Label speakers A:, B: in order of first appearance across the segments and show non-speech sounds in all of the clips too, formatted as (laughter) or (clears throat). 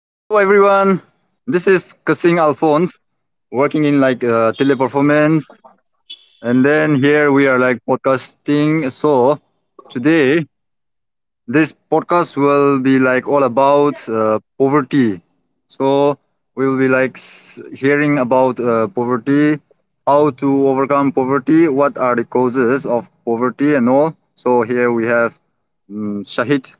A: Hello everyone. This is Kasing Alphonse working in teleperformance, and then here we are like podcasting. So today this podcast will be like all about poverty. So we will be like hearing about poverty, how to overcome poverty, what are the causes of poverty and all. So here we have Shahid,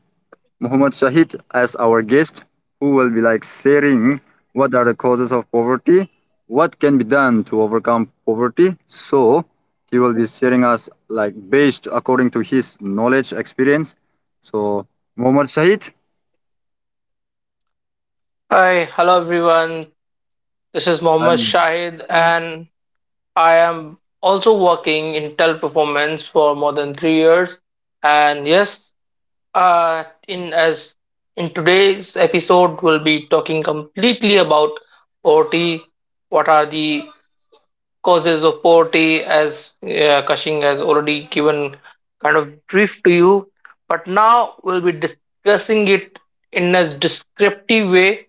A: Muhammad Shahid as our guest, who will be like sharing what are the causes of poverty, what can be done to overcome poverty. So he will be sharing us like based according to his knowledge experience. So Muhammad Shahid.
B: Hi, hello everyone. This is Mohammad
A: Um,
B: Shahid, and I am also working in tel performance for more than 3 years. And yes, uh, in as in today's episode, we'll be talking completely about poverty. What are the causes of poverty? As Kashing has already given kind of brief to you, but now we'll be discussing it in a descriptive way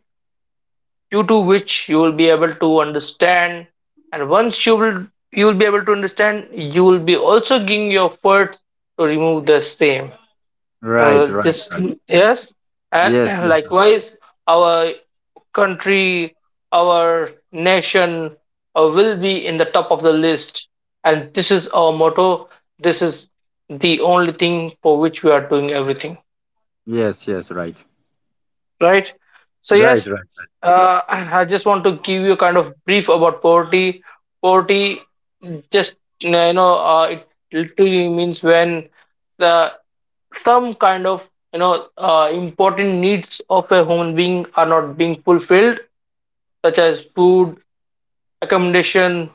B: due to which you will be able to understand, and once you will be able to understand, you will be also giving your efforts to remove the same.
A: Right, right,
B: This
A: right.
B: Yes.
A: Yes,
B: And (clears throat)
A: yes, right.
B: likewise our country, our nation, will be in the top of the list, and this is our motto. This is the only thing for which we are doing everything,
A: Yes, yes, right.
B: right? So
A: Right,
B: yes.
A: right,
B: (clears throat) I just want to give you kind of brief about poverty. Poverty just it literally means when the some kind of important needs of a human being are not being fulfilled, such as food, accommodation,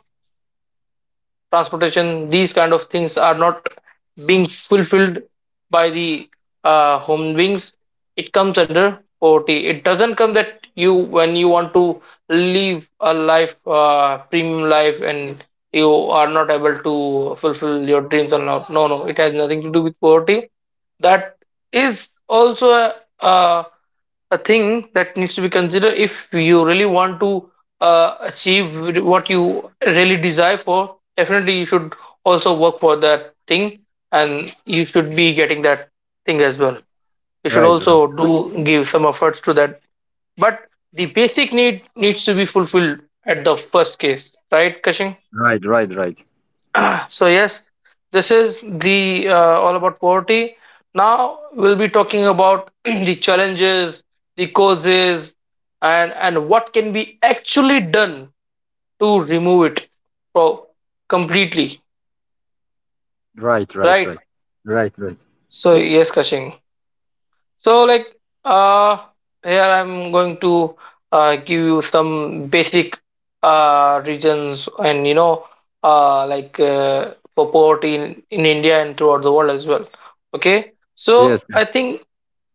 B: transportation. These kind of things are not being fulfilled by the home wings. It comes under poverty. It doesn't come that you, when you want to live a life, premium life, and you are not able to fulfill your dreams or not. No, no, it has nothing to do with poverty. That is also a a thing that needs to be considered. If you really want to achieve what you really desire for, definitely you should also work for that thing, and you should be getting that thing as well. You should
A: right, right,
B: also do, give some efforts to that. But the basic need needs to be fulfilled at the first case, right, kashing?
A: right, right, right,
B: (clears throat) So yes, this is the all about poverty. Now we'll be talking about (clears throat) the challenges, the causes, and what can be actually done to remove it pro- completely.
A: right, right,
B: Right?
A: right, right, right.
B: So yes, Kashing. So, like, uh, here I'm going to give you some basic regions, and for poverty in India and throughout the world as well. Okay,
A: Yes,
B: so I
A: yes,
B: think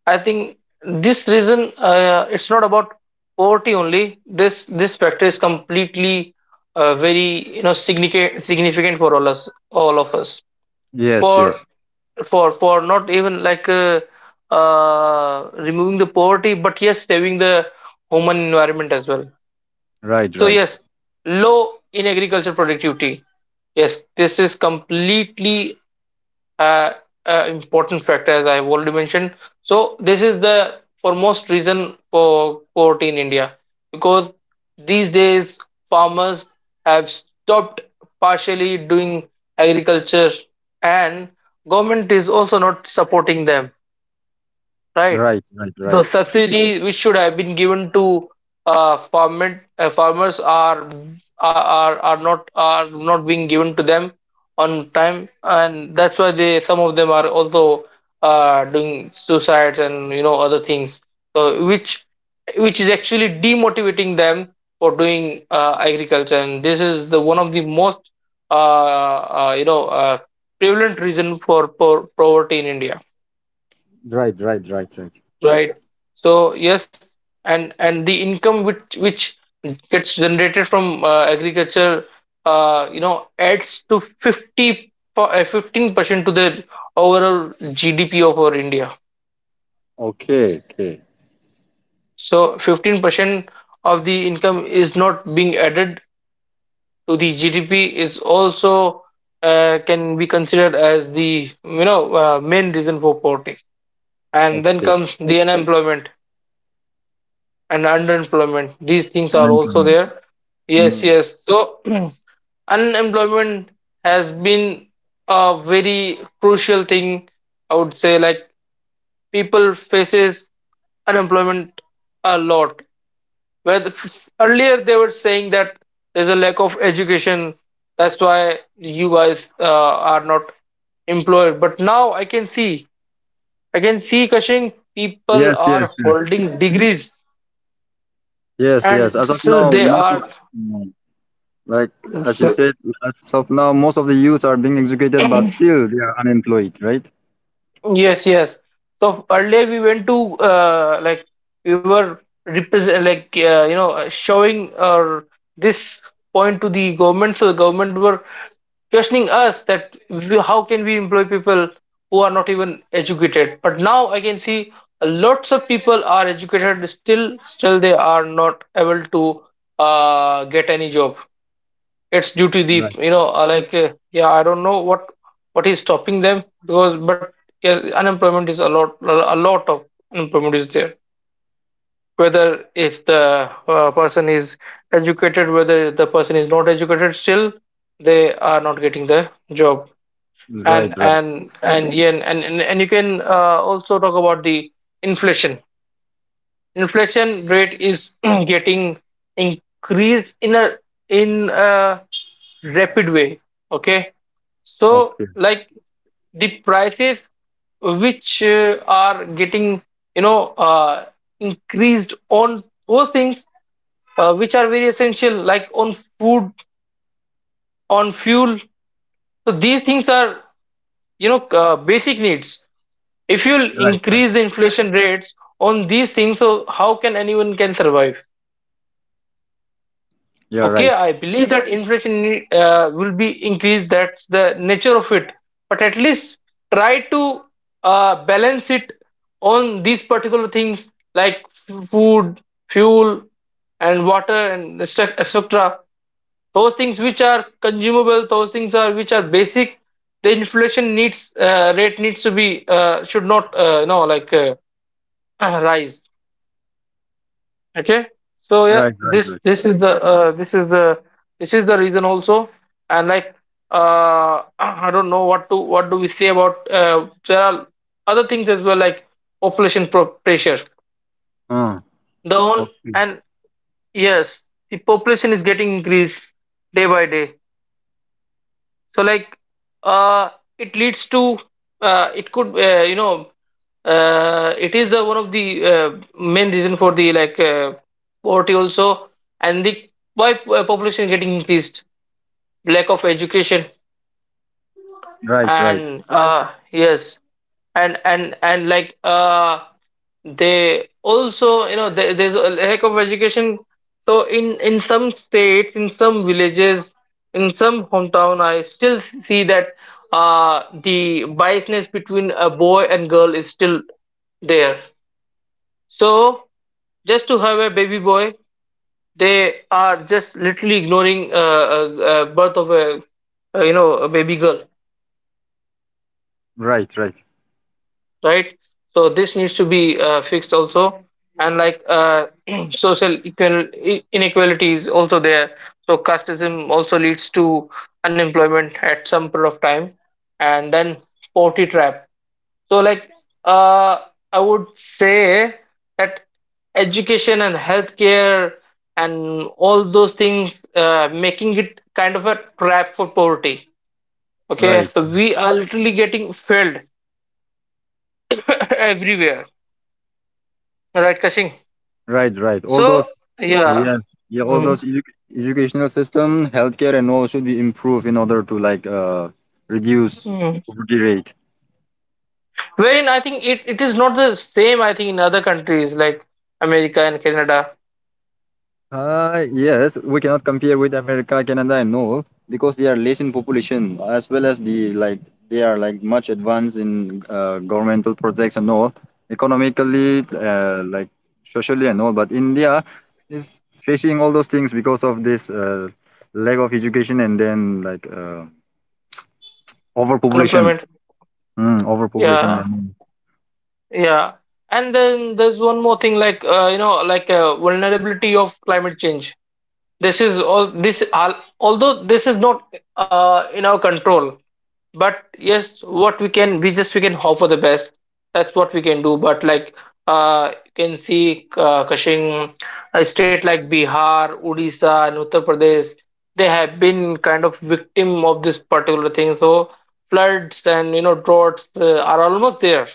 B: I think this reason, it's not about poverty only. This factor is completely very significant for all of us.
A: yes,
B: For
A: yes.
B: for not even removing the poverty, but yes, saving the human environment as well.
A: Right,
B: So
A: right,
B: yes, low in agriculture productivity. Yes, this is completely uh, important factor, as I have already mentioned. So this is the foremost reason for poverty in India, because these days farmers have stopped partially doing agriculture, and government is also not supporting them, right?
A: right, right,
B: The
A: right.
B: subsidy which should have been given to farmers are not, are not being given to them on time, and that's why they, some of them are also doing suicides and other things. So which which is actually demotivating them for doing agriculture, and this is the one of the most uh, uh, you know uh, prevalent reason for poverty in India,
A: Right, right, right, right.
B: right? So yes. And the income which gets generated from agriculture adds to 15% to the overall gdp of our india.
A: Okay, okay,
B: So 15% of the income is not being added to the gdp is also can be considered as the main reason for poverty. And then
A: okay.
B: comes the unemployment and underemployment. These things are
A: Learn from.
B: also there.
A: Mm.
B: Yes so (clears throat) unemployment has been a very crucial thing. I would say, like, people faces unemployment a lot, where earlier they were saying that there's a lack of education, that's why you guys are not employed. But now I can see, kashing, people
A: Yes, yes,
B: are
A: yes.
B: holding degrees,
A: Yes, yes.
B: and
A: As of
B: still
A: now,
B: they
A: most of
B: are.
A: mm, like as you said, as of now, most of the youths are being educated, but still they are unemployed, right?
B: Yes, yes. So earlier we went to we were represent, showing or this point to the government. So the government were questioning us that we, how can we employ people who are not even educated? But now I can see lots of people are educated, still, still they are not able to get any job. It's due to the
A: Right,
B: yeah, I don't know what is stopping them, because, but yeah, unemployment is a lot, a lot of unemployment is there, whether if the person is educated, whether the person is not educated, still they are not getting the job.
A: right, right.
B: And Yeah, and you can also talk about the inflation. Inflation rate is (clears throat) getting increased in a, in a rapid way. Okay, so
A: Okay,
B: like the prices which are getting you know uh, increased on those things which are very essential, like on food, on fuel. So these things are basic needs. If you'll
A: right, right.
B: increase the inflation rates on these things, so how can anyone can survive?
A: Yeah,
B: Okay,
A: right,
B: I believe that inflation will be increased. That's the nature of it. But at least try to balance it on these particular things, like food, fuel, and water, and etc. Those things which are consumable, those things are which are basic. The inflation needs, rate needs to be, should not, no like (clears throat) rise. Okay, so yeah,
A: right, right, right.
B: this is the reason also. And uh (coughs) (clears throat) I don't know what to, what do we say about, there are other things as well, like population pressure,
A: Uh,
B: the whole.
A: okay,
B: And yes, the population is getting increased day by day. So like, uh, it leads to, it could you know it is the one of the main reason for the poverty also. And the, why population getting increased, lack of education.
A: right, right,
B: And Yes. And like They also, there, there's a lack of education. So in some states, in some villages, in some hometown I still see that the biasness between a boy and girl is still there. So just to have a baby boy, they are just literally ignoring birth of a a baby girl,
A: right, right,
B: right? So this needs to be fixed also. And (clears throat) social equal inequality is also there. So casteism also leads to unemployment at some period of time. And then poverty trap. So like, uh, I would say that education and healthcare and all those things, making it kind of a trap for poverty. Okay,
A: right,
B: so we are literally getting failed (laughs) everywhere, right, kashing?
A: right, right. All
B: So
A: those.
B: yeah.
A: Yes, yeah, all
B: Mm,
A: those educational system, healthcare, and all should be improved in order to reduce
B: mm.
A: poverty rate.
B: Wherein I think it, it is not the same I think in other countries like America and Canada.
A: Yes, we cannot compare with America, Canada, and all because they are less in population as well as the like they are like much advanced in governmental projects and all, economically, like socially and all. But India is facing all those things because of this lack of education and then overpopulation.
B: Unemployment.
A: Mm, overpopulation
B: Yeah.
A: and
B: Yeah. And then there's one more thing, vulnerability of climate change. This is all this al- Although this is not in our control, but yes, what we can, we just, we can hope for the best. That's what we can do. But you can see, kashing, a state like bihar, odisha, and uttar pradesh, they have been kind of victim of this particular thing. So floods and droughts are almost there.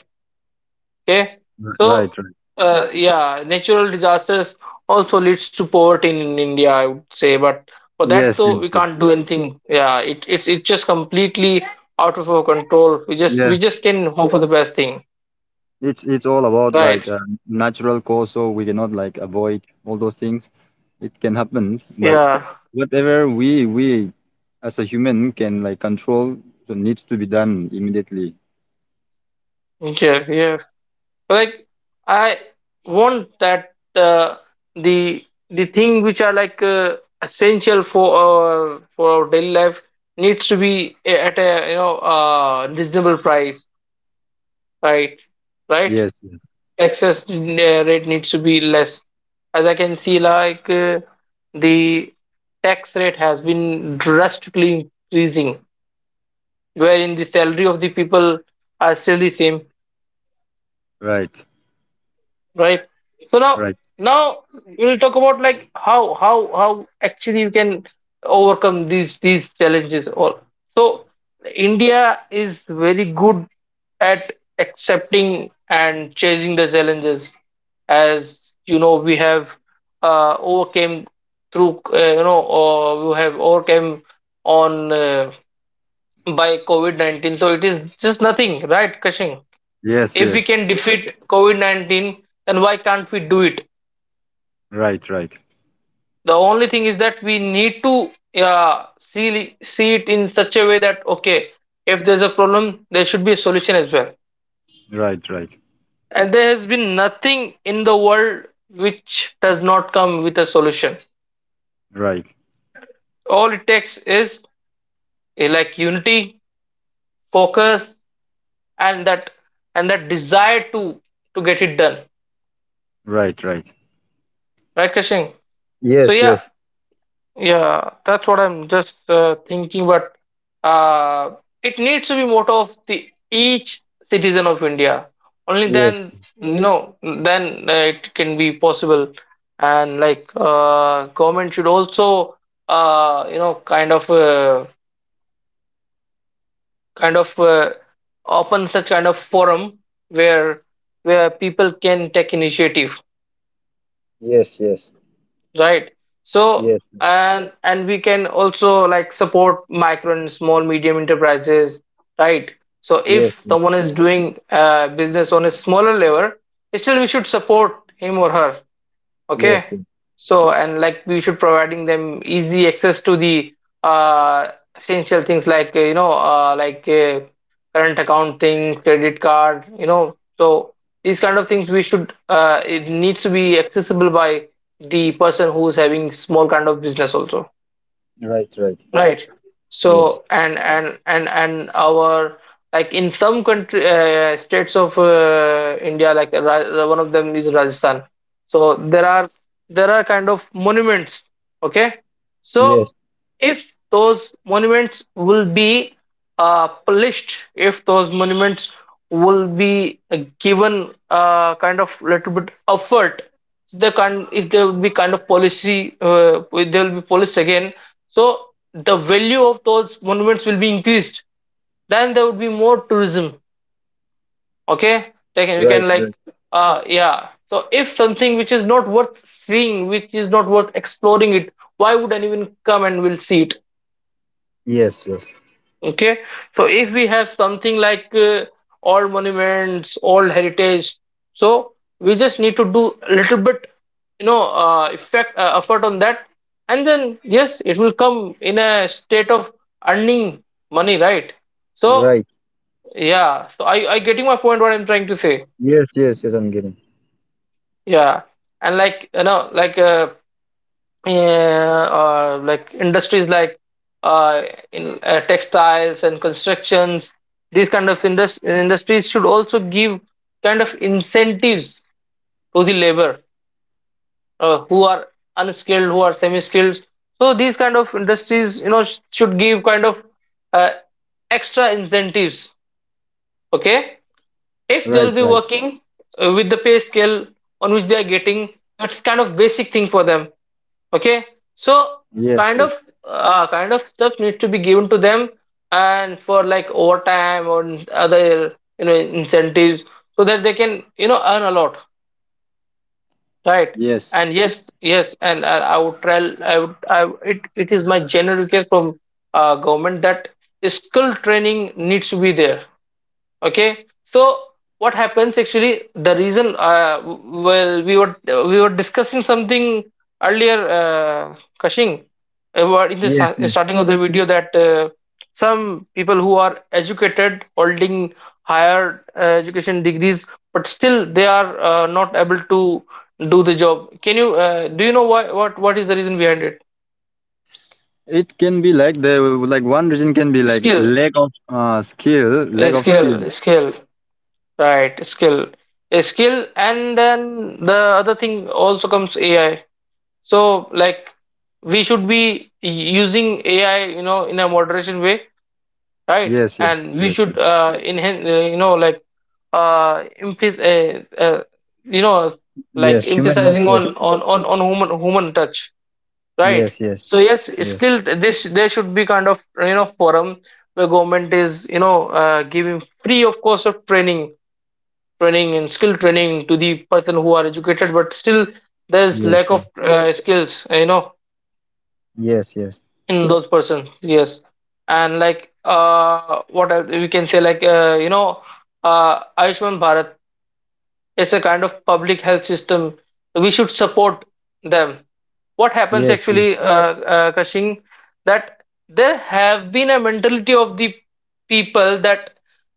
B: Okay, so,
A: right, right.
B: yeah, natural disasters also leads to poverty in India, I would say. But for that
A: Yes,
B: though,
A: yes,
B: we can't
A: yes.
B: do anything. Yeah, it's just completely out of our control. We just we
A: Yes.
B: just can hope for the best thing,
A: It's all about
B: right?
A: natural cause, so we cannot like avoid all those things. It can happen, but
B: Yeah,
A: whatever we as a human can like control, so needs to be done immediately.
B: yes, yes. Like, I want that the thing which are essential for our, for our daily life needs to be at a reasonable price. Right, right.
A: Yes, yes.
B: Excess rate needs to be less. As I can see, the tax rate has been drastically increasing, wherein the salary of the people are still the same.
A: Right,
B: Right. So now,
A: right.
B: now we'll talk about like how actually you can overcome these challenges. All, so India is very good at accepting and chasing the challenges. As you know, we have overcame through, or we have overcame on, by COVID 19. So it is just nothing, right, Kashing?
A: Yes,
B: If we
A: yes.
B: can defeat COVID 19, then why can't we do it?
A: Right, right.
B: The only thing is that we need to see, see it in such a way that, okay, if there's a problem, there should be a solution as well.
A: Right, right.
B: And there has been nothing in the world which does not come with a solution.
A: Right,
B: All it takes is, unity, focus, and that desire to get it done.
A: right, right.
B: Right, Kashin? So
A: Yes,
B: yeah,
A: yes.
B: Yeah, that's what I'm just thinking, but uh, it needs to be motto of the each citizen of India. Only
A: Yes,
B: then, then it can be possible. And like, government should also, you know, kind of open such kind of forum where where people can take initiative.
A: yes, yes.
B: Right. So,
A: Yes, yes.
B: and we can also like support micro and small medium enterprises, right? So
A: Yes,
B: if
A: yes.
B: someone is doing business on a smaller level, still we should support him or her. Okay.
A: Yes, yes.
B: So, and like we should providing them easy access to the uh, essential things like, current account thing, credit card, you know. So these kind of things we should, it needs to be accessible by the person who's having small kind of business also.
A: Right, right.
B: Right.
A: Yes.
B: So and our like in some country states of India, like one of them is Rajasthan. So there are kind of monuments. Okay. So
A: Yes.
B: if those monuments will be polished, if those monuments will be given kind of little bit effort, the kind if there will be kind of policy, there will be police again. So the value of those monuments will be increased, then there would be more tourism. Okay, we
A: Right.
B: can like
A: Right.
B: yeah, so if something which is not worth seeing, which is not worth exploring it, why would anyone come and will see it?
A: Yes. Yes.
B: Okay, so if we have something like old monuments, old heritage, so we just need to do a little bit, you know, effect effort on that, and then yes, it will come in a state of earning money, right? So
A: Right.
B: yeah, so I getting my point what I'm trying to say.
A: Yes. Yes. Yes. I'm getting.
B: Yeah, and like you know, yeah, or like industries like uh, in textiles and constructions, these kind of industries should also give kind of incentives to the labor who are unskilled, who are semi-skilled. So these kind of industries, you know, should give kind of uh, extra incentives. Okay, if they'll
A: Right.
B: be
A: Right.
B: working with the pay scale on which they are getting, that's kind of basic thing for them. Okay, so
A: Yes.
B: kind
A: Yes.
B: of kind of stuff needs to be given to them and for like overtime or other, you know, incentives, so that they can, you know, earn a lot, right?
A: Yes.
B: And
A: Yes.
B: yes, yes, and I would tell I would I, would- it is my general request from government that skill training needs to be there. Okay, so what happens actually, the reason well we were discussing something earlier, Kashing, about in the
A: Yes. Yes.
B: starting of the video that some people who are educated holding higher education degrees but still they are not able to do the job. Can you do you know why, what is the reason behind it?
A: It can be like the like one reason can be like
B: Skill,
A: lack of skill,
B: uh,
A: lack of skill.
B: skill skill Right, skill. A skill, and then the other thing also comes AI. So, like, we should be u- using AI, you know, in a moderation way, right?
A: Yes. Yes.
B: And we
A: Yes.
B: should
A: Yes.
B: enhance, you know, like, emph- you know, like
A: Yes, human
B: emphasizing
A: workforce.
B: on human touch, right?
A: Yes. Yes.
B: So yes,
A: Yes.
B: skill. This there should be kind of, you know, forum where government is, you know, giving free of course of training, training and skill training to the person who are educated but still there's
A: Yes.
B: lack
A: Yes.
B: of skills, you know,
A: Yes. Yes.
B: in those person. Yes, and like uh, what else we can say, like Ayushman Bharat. It's a kind of public health system. We should support them. What happens
A: Yes. Yes.
B: actually, Kashing, that there have been a mentality of the people that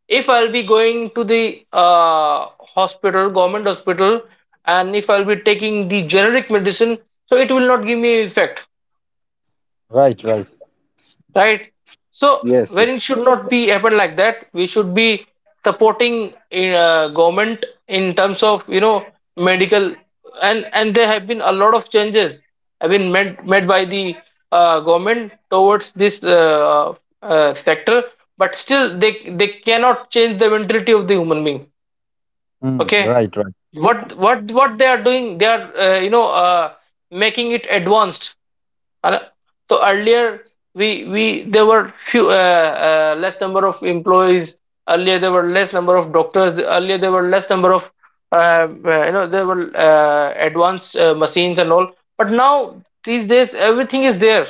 B: if I'll be going to the hospital, government hospital, and if I'll be taking the generic medicine, so it will not give me effect,
A: Right. Right.
B: right? So
A: Yes.
B: when
A: Yes.
B: it should not be happen like that, we should be supporting government in terms of, you know, medical. And there have been a lot of changes have been made by the government towards this sector, but still they cannot change the mentality of the human being.
A: Mm,
B: Okay,
A: right. Right.
B: what they are doing? They are making it advanced, and, so earlier we there were few less number of employees. Earlier there were less number of doctors. Earlier there were less number of there were advanced machines and all. But now these days everything is there.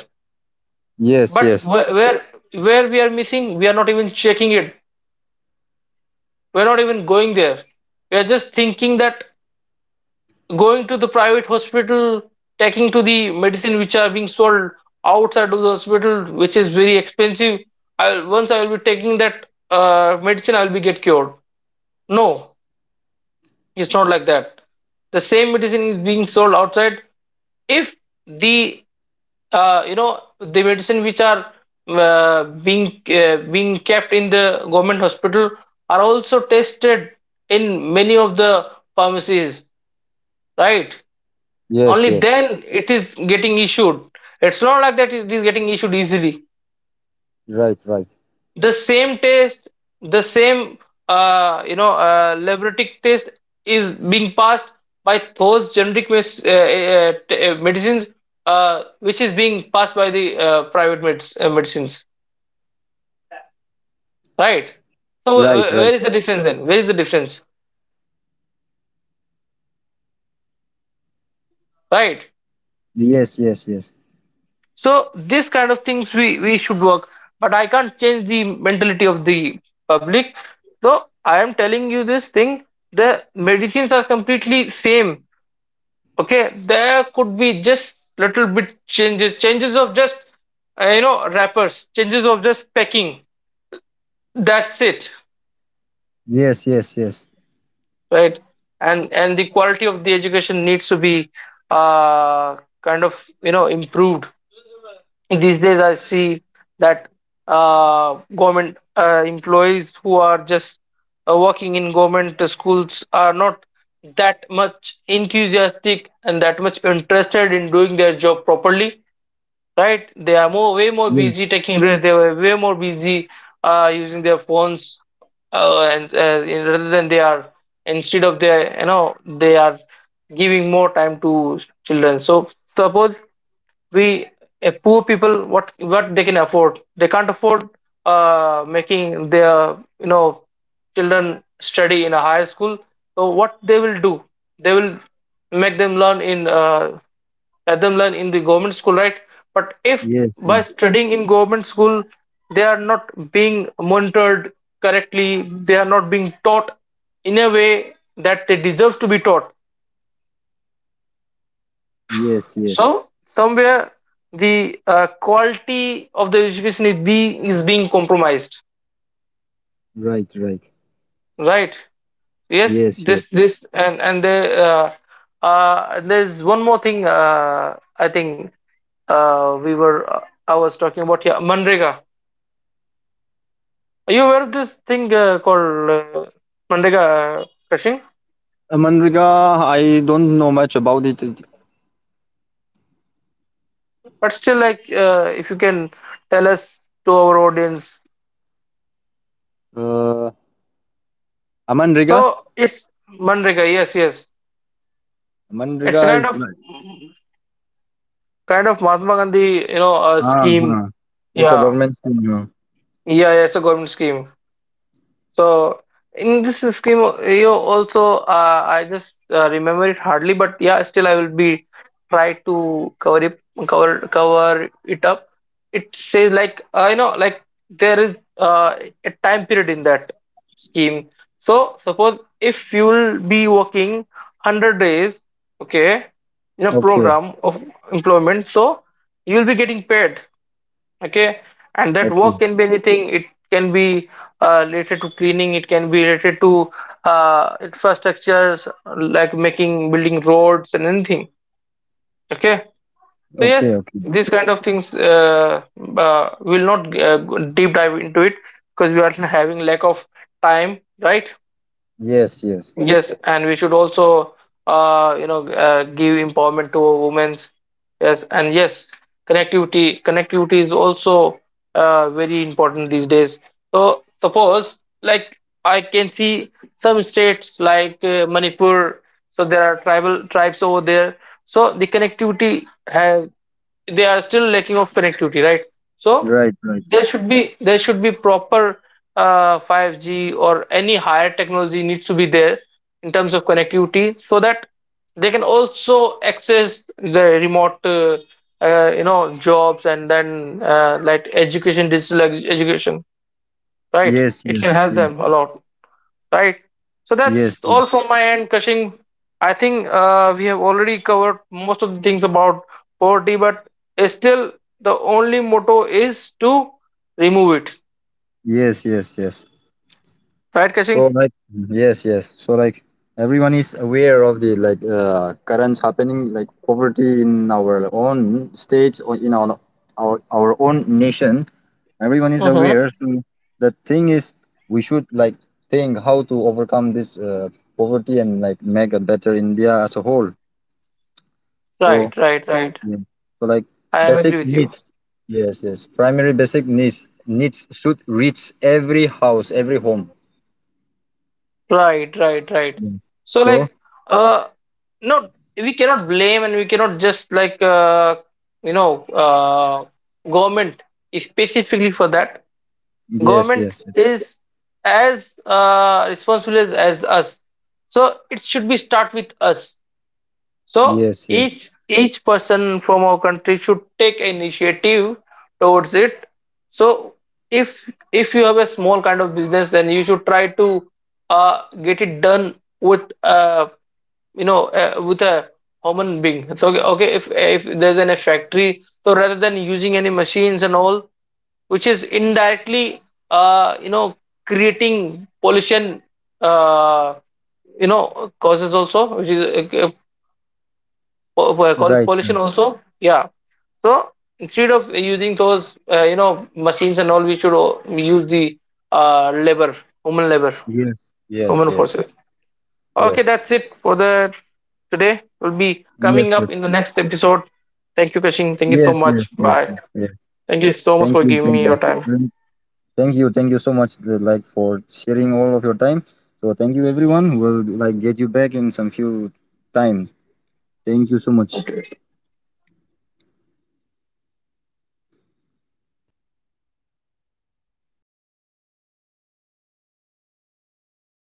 A: Yes.
B: But
A: Yes.
B: where we are missing, we are not even checking it. We are not even going there. We are just thinking that going to the private hospital, taking to the medicine which are being sold outside of the hospital, which is very expensive. I, once I will be taking that medicine, I will be get cured. No, it's not like that. The same medicine is being sold outside. If the the medicine which are being kept in the government hospital are also tested in many of the pharmacies, right?
A: Yes.
B: Only
A: Yes.
B: then it is getting issued. It's not like that it is getting issued easily.
A: Right. Right.
B: The same test, the same laboratory test is being passed by those generic medicines which is being passed by the private medicines, right? So
A: Right. Right.
B: where is the difference, then where is the difference, right?
A: Yes. Yes. Yes.
B: So this kind of things we should work, but I can't change the mentality of the public. So I am telling you this thing: the medicines are completely same. Okay, there could be just little bit changes, changes of just wrappers, changes of just packing. That's it,
A: Yes, yes, yes.
B: right? And the quality of the education needs to be uh, kind of, you know, improved. These days I see that government employees who are just working in government schools are not that much enthusiastic and that much interested in doing their job properly, right? They are more way more
A: Yes,
B: busy taking risks, they were way more busy using their phones rather than they are, instead of their, you know, they are giving more time to children. So suppose we poor people, what they can afford, they can't afford making their, you know, children study in a higher school. So what they will do, they will make them learn in let them learn in the government school, right? But if
A: yes, yes.
B: by studying in government school they are not being monitored correctly, they are not being taught in a way that they deserve to be taught.
A: Yes, yes.
B: So somewhere the quality of the education is being compromised,
A: Right, right.
B: right? Yes,
A: Yes, yes.
B: this and the there's one more thing. I think we were I was talking about, yeah, Manrega. Are you aware of this thing called Manrega, Kashing?
A: Manriga, I don't know much about it.
B: But still, like if you can tell us to our audience,
A: Uh, Amanriga?
B: so it's Manrega. Yes, yes. It's a
A: Amanriga
B: kind
A: is
B: of
A: like,
B: Mahatma Gandhi, you know, scheme.
A: uh-huh. It's a
B: Yeah,
A: government scheme. Yeah.
B: yeah, it's a government scheme. So in this scheme, you know, also, I just remember it hardly, but yeah, still I will be try to cover it, cover it up. It says like you know, like there is a time period in that scheme. So suppose if you will be working 100 days, okay, in a
A: Okay,
B: program of employment, so you will be getting paid. Okay, and that work
A: okay,
B: can be anything. It can be related to cleaning, it can be related to infrastructures, like making building roads and anything. Okay, so
A: okay,
B: yes,
A: okay.
B: these kind of things will not go deep dive into it, because we are (laughs) having lack of time, right?
A: Yes, yes.
B: Yes, and we should also, give empowerment to women's. Yes, and yes, connectivity. Connectivity is also very important these days. So suppose, like, I can see some states like Manipur. So there are tribal tribes over there. So the connectivity has, they are still lacking of connectivity, right? So
A: Right, right.
B: there should be proper 5G or any higher technology needs to be there in terms of connectivity, so that they can also access the remote, you know, jobs, and then like education, digital education, right?
A: Yes,
B: It
A: yes,
B: can help
A: yes.
B: them a lot. Right. So that's
A: Yes, yes.
B: all from my end, Kashing. I think we have already covered most of the things about poverty, but still the only motto is to remove it.
A: Yes, yes, yes.
B: Right, Kashing?
A: So like yes, yes. So like everyone is aware of the current happening like poverty in our own state or in our our own nation. Everyone is
B: Mm-hmm.
A: aware. So the thing is, we should like think how to overcome this poverty and like make a better India as a whole. So
B: Right, right, right.
A: yeah. So like
B: I am agree
A: basic
B: with you.
A: needs. Yes, yes. Primary basic needs should reach every house, every home.
B: Right, right, right.
A: Yes.
B: So
A: So
B: like, uh, no, we cannot blame, and we cannot just like, you know, uh, government specifically for that.
A: yes,
B: Government
A: yes,
B: is as responsible as us, so it should be start with us. So
A: yes, yes.
B: each person from our country should take initiative towards it. So if you have a small kind of business, then you should try to get it done with with a human being. So okay, okay, if there's a factory, so rather than using any machines and all, which is indirectly uh, you know creating pollution, uh, you know, causes also, which is call it
A: Right,
B: pollution
A: right.
B: also, yeah. So instead of using those machines and all, we should use the labor, human labor,
A: Yes, yes,
B: human
A: yes,
B: forces. Okay,
A: yes,
B: that's it for the today. Will be
A: yes,
B: coming
A: yes,
B: up in the next episode. Thank you, Kashin, thank you so
A: yes,
B: much,
A: yes, yes,
B: bye.
A: yes. Yes.
B: Thank you so much
A: Thank
B: for
A: you,
B: giving
A: thank
B: me
A: you.
B: your time.
A: Really, thank you so much, like for sharing all of your time. So thank you, everyone. We'll like get you back in some few times. Thank you so much.
B: Okay.
A: Uh,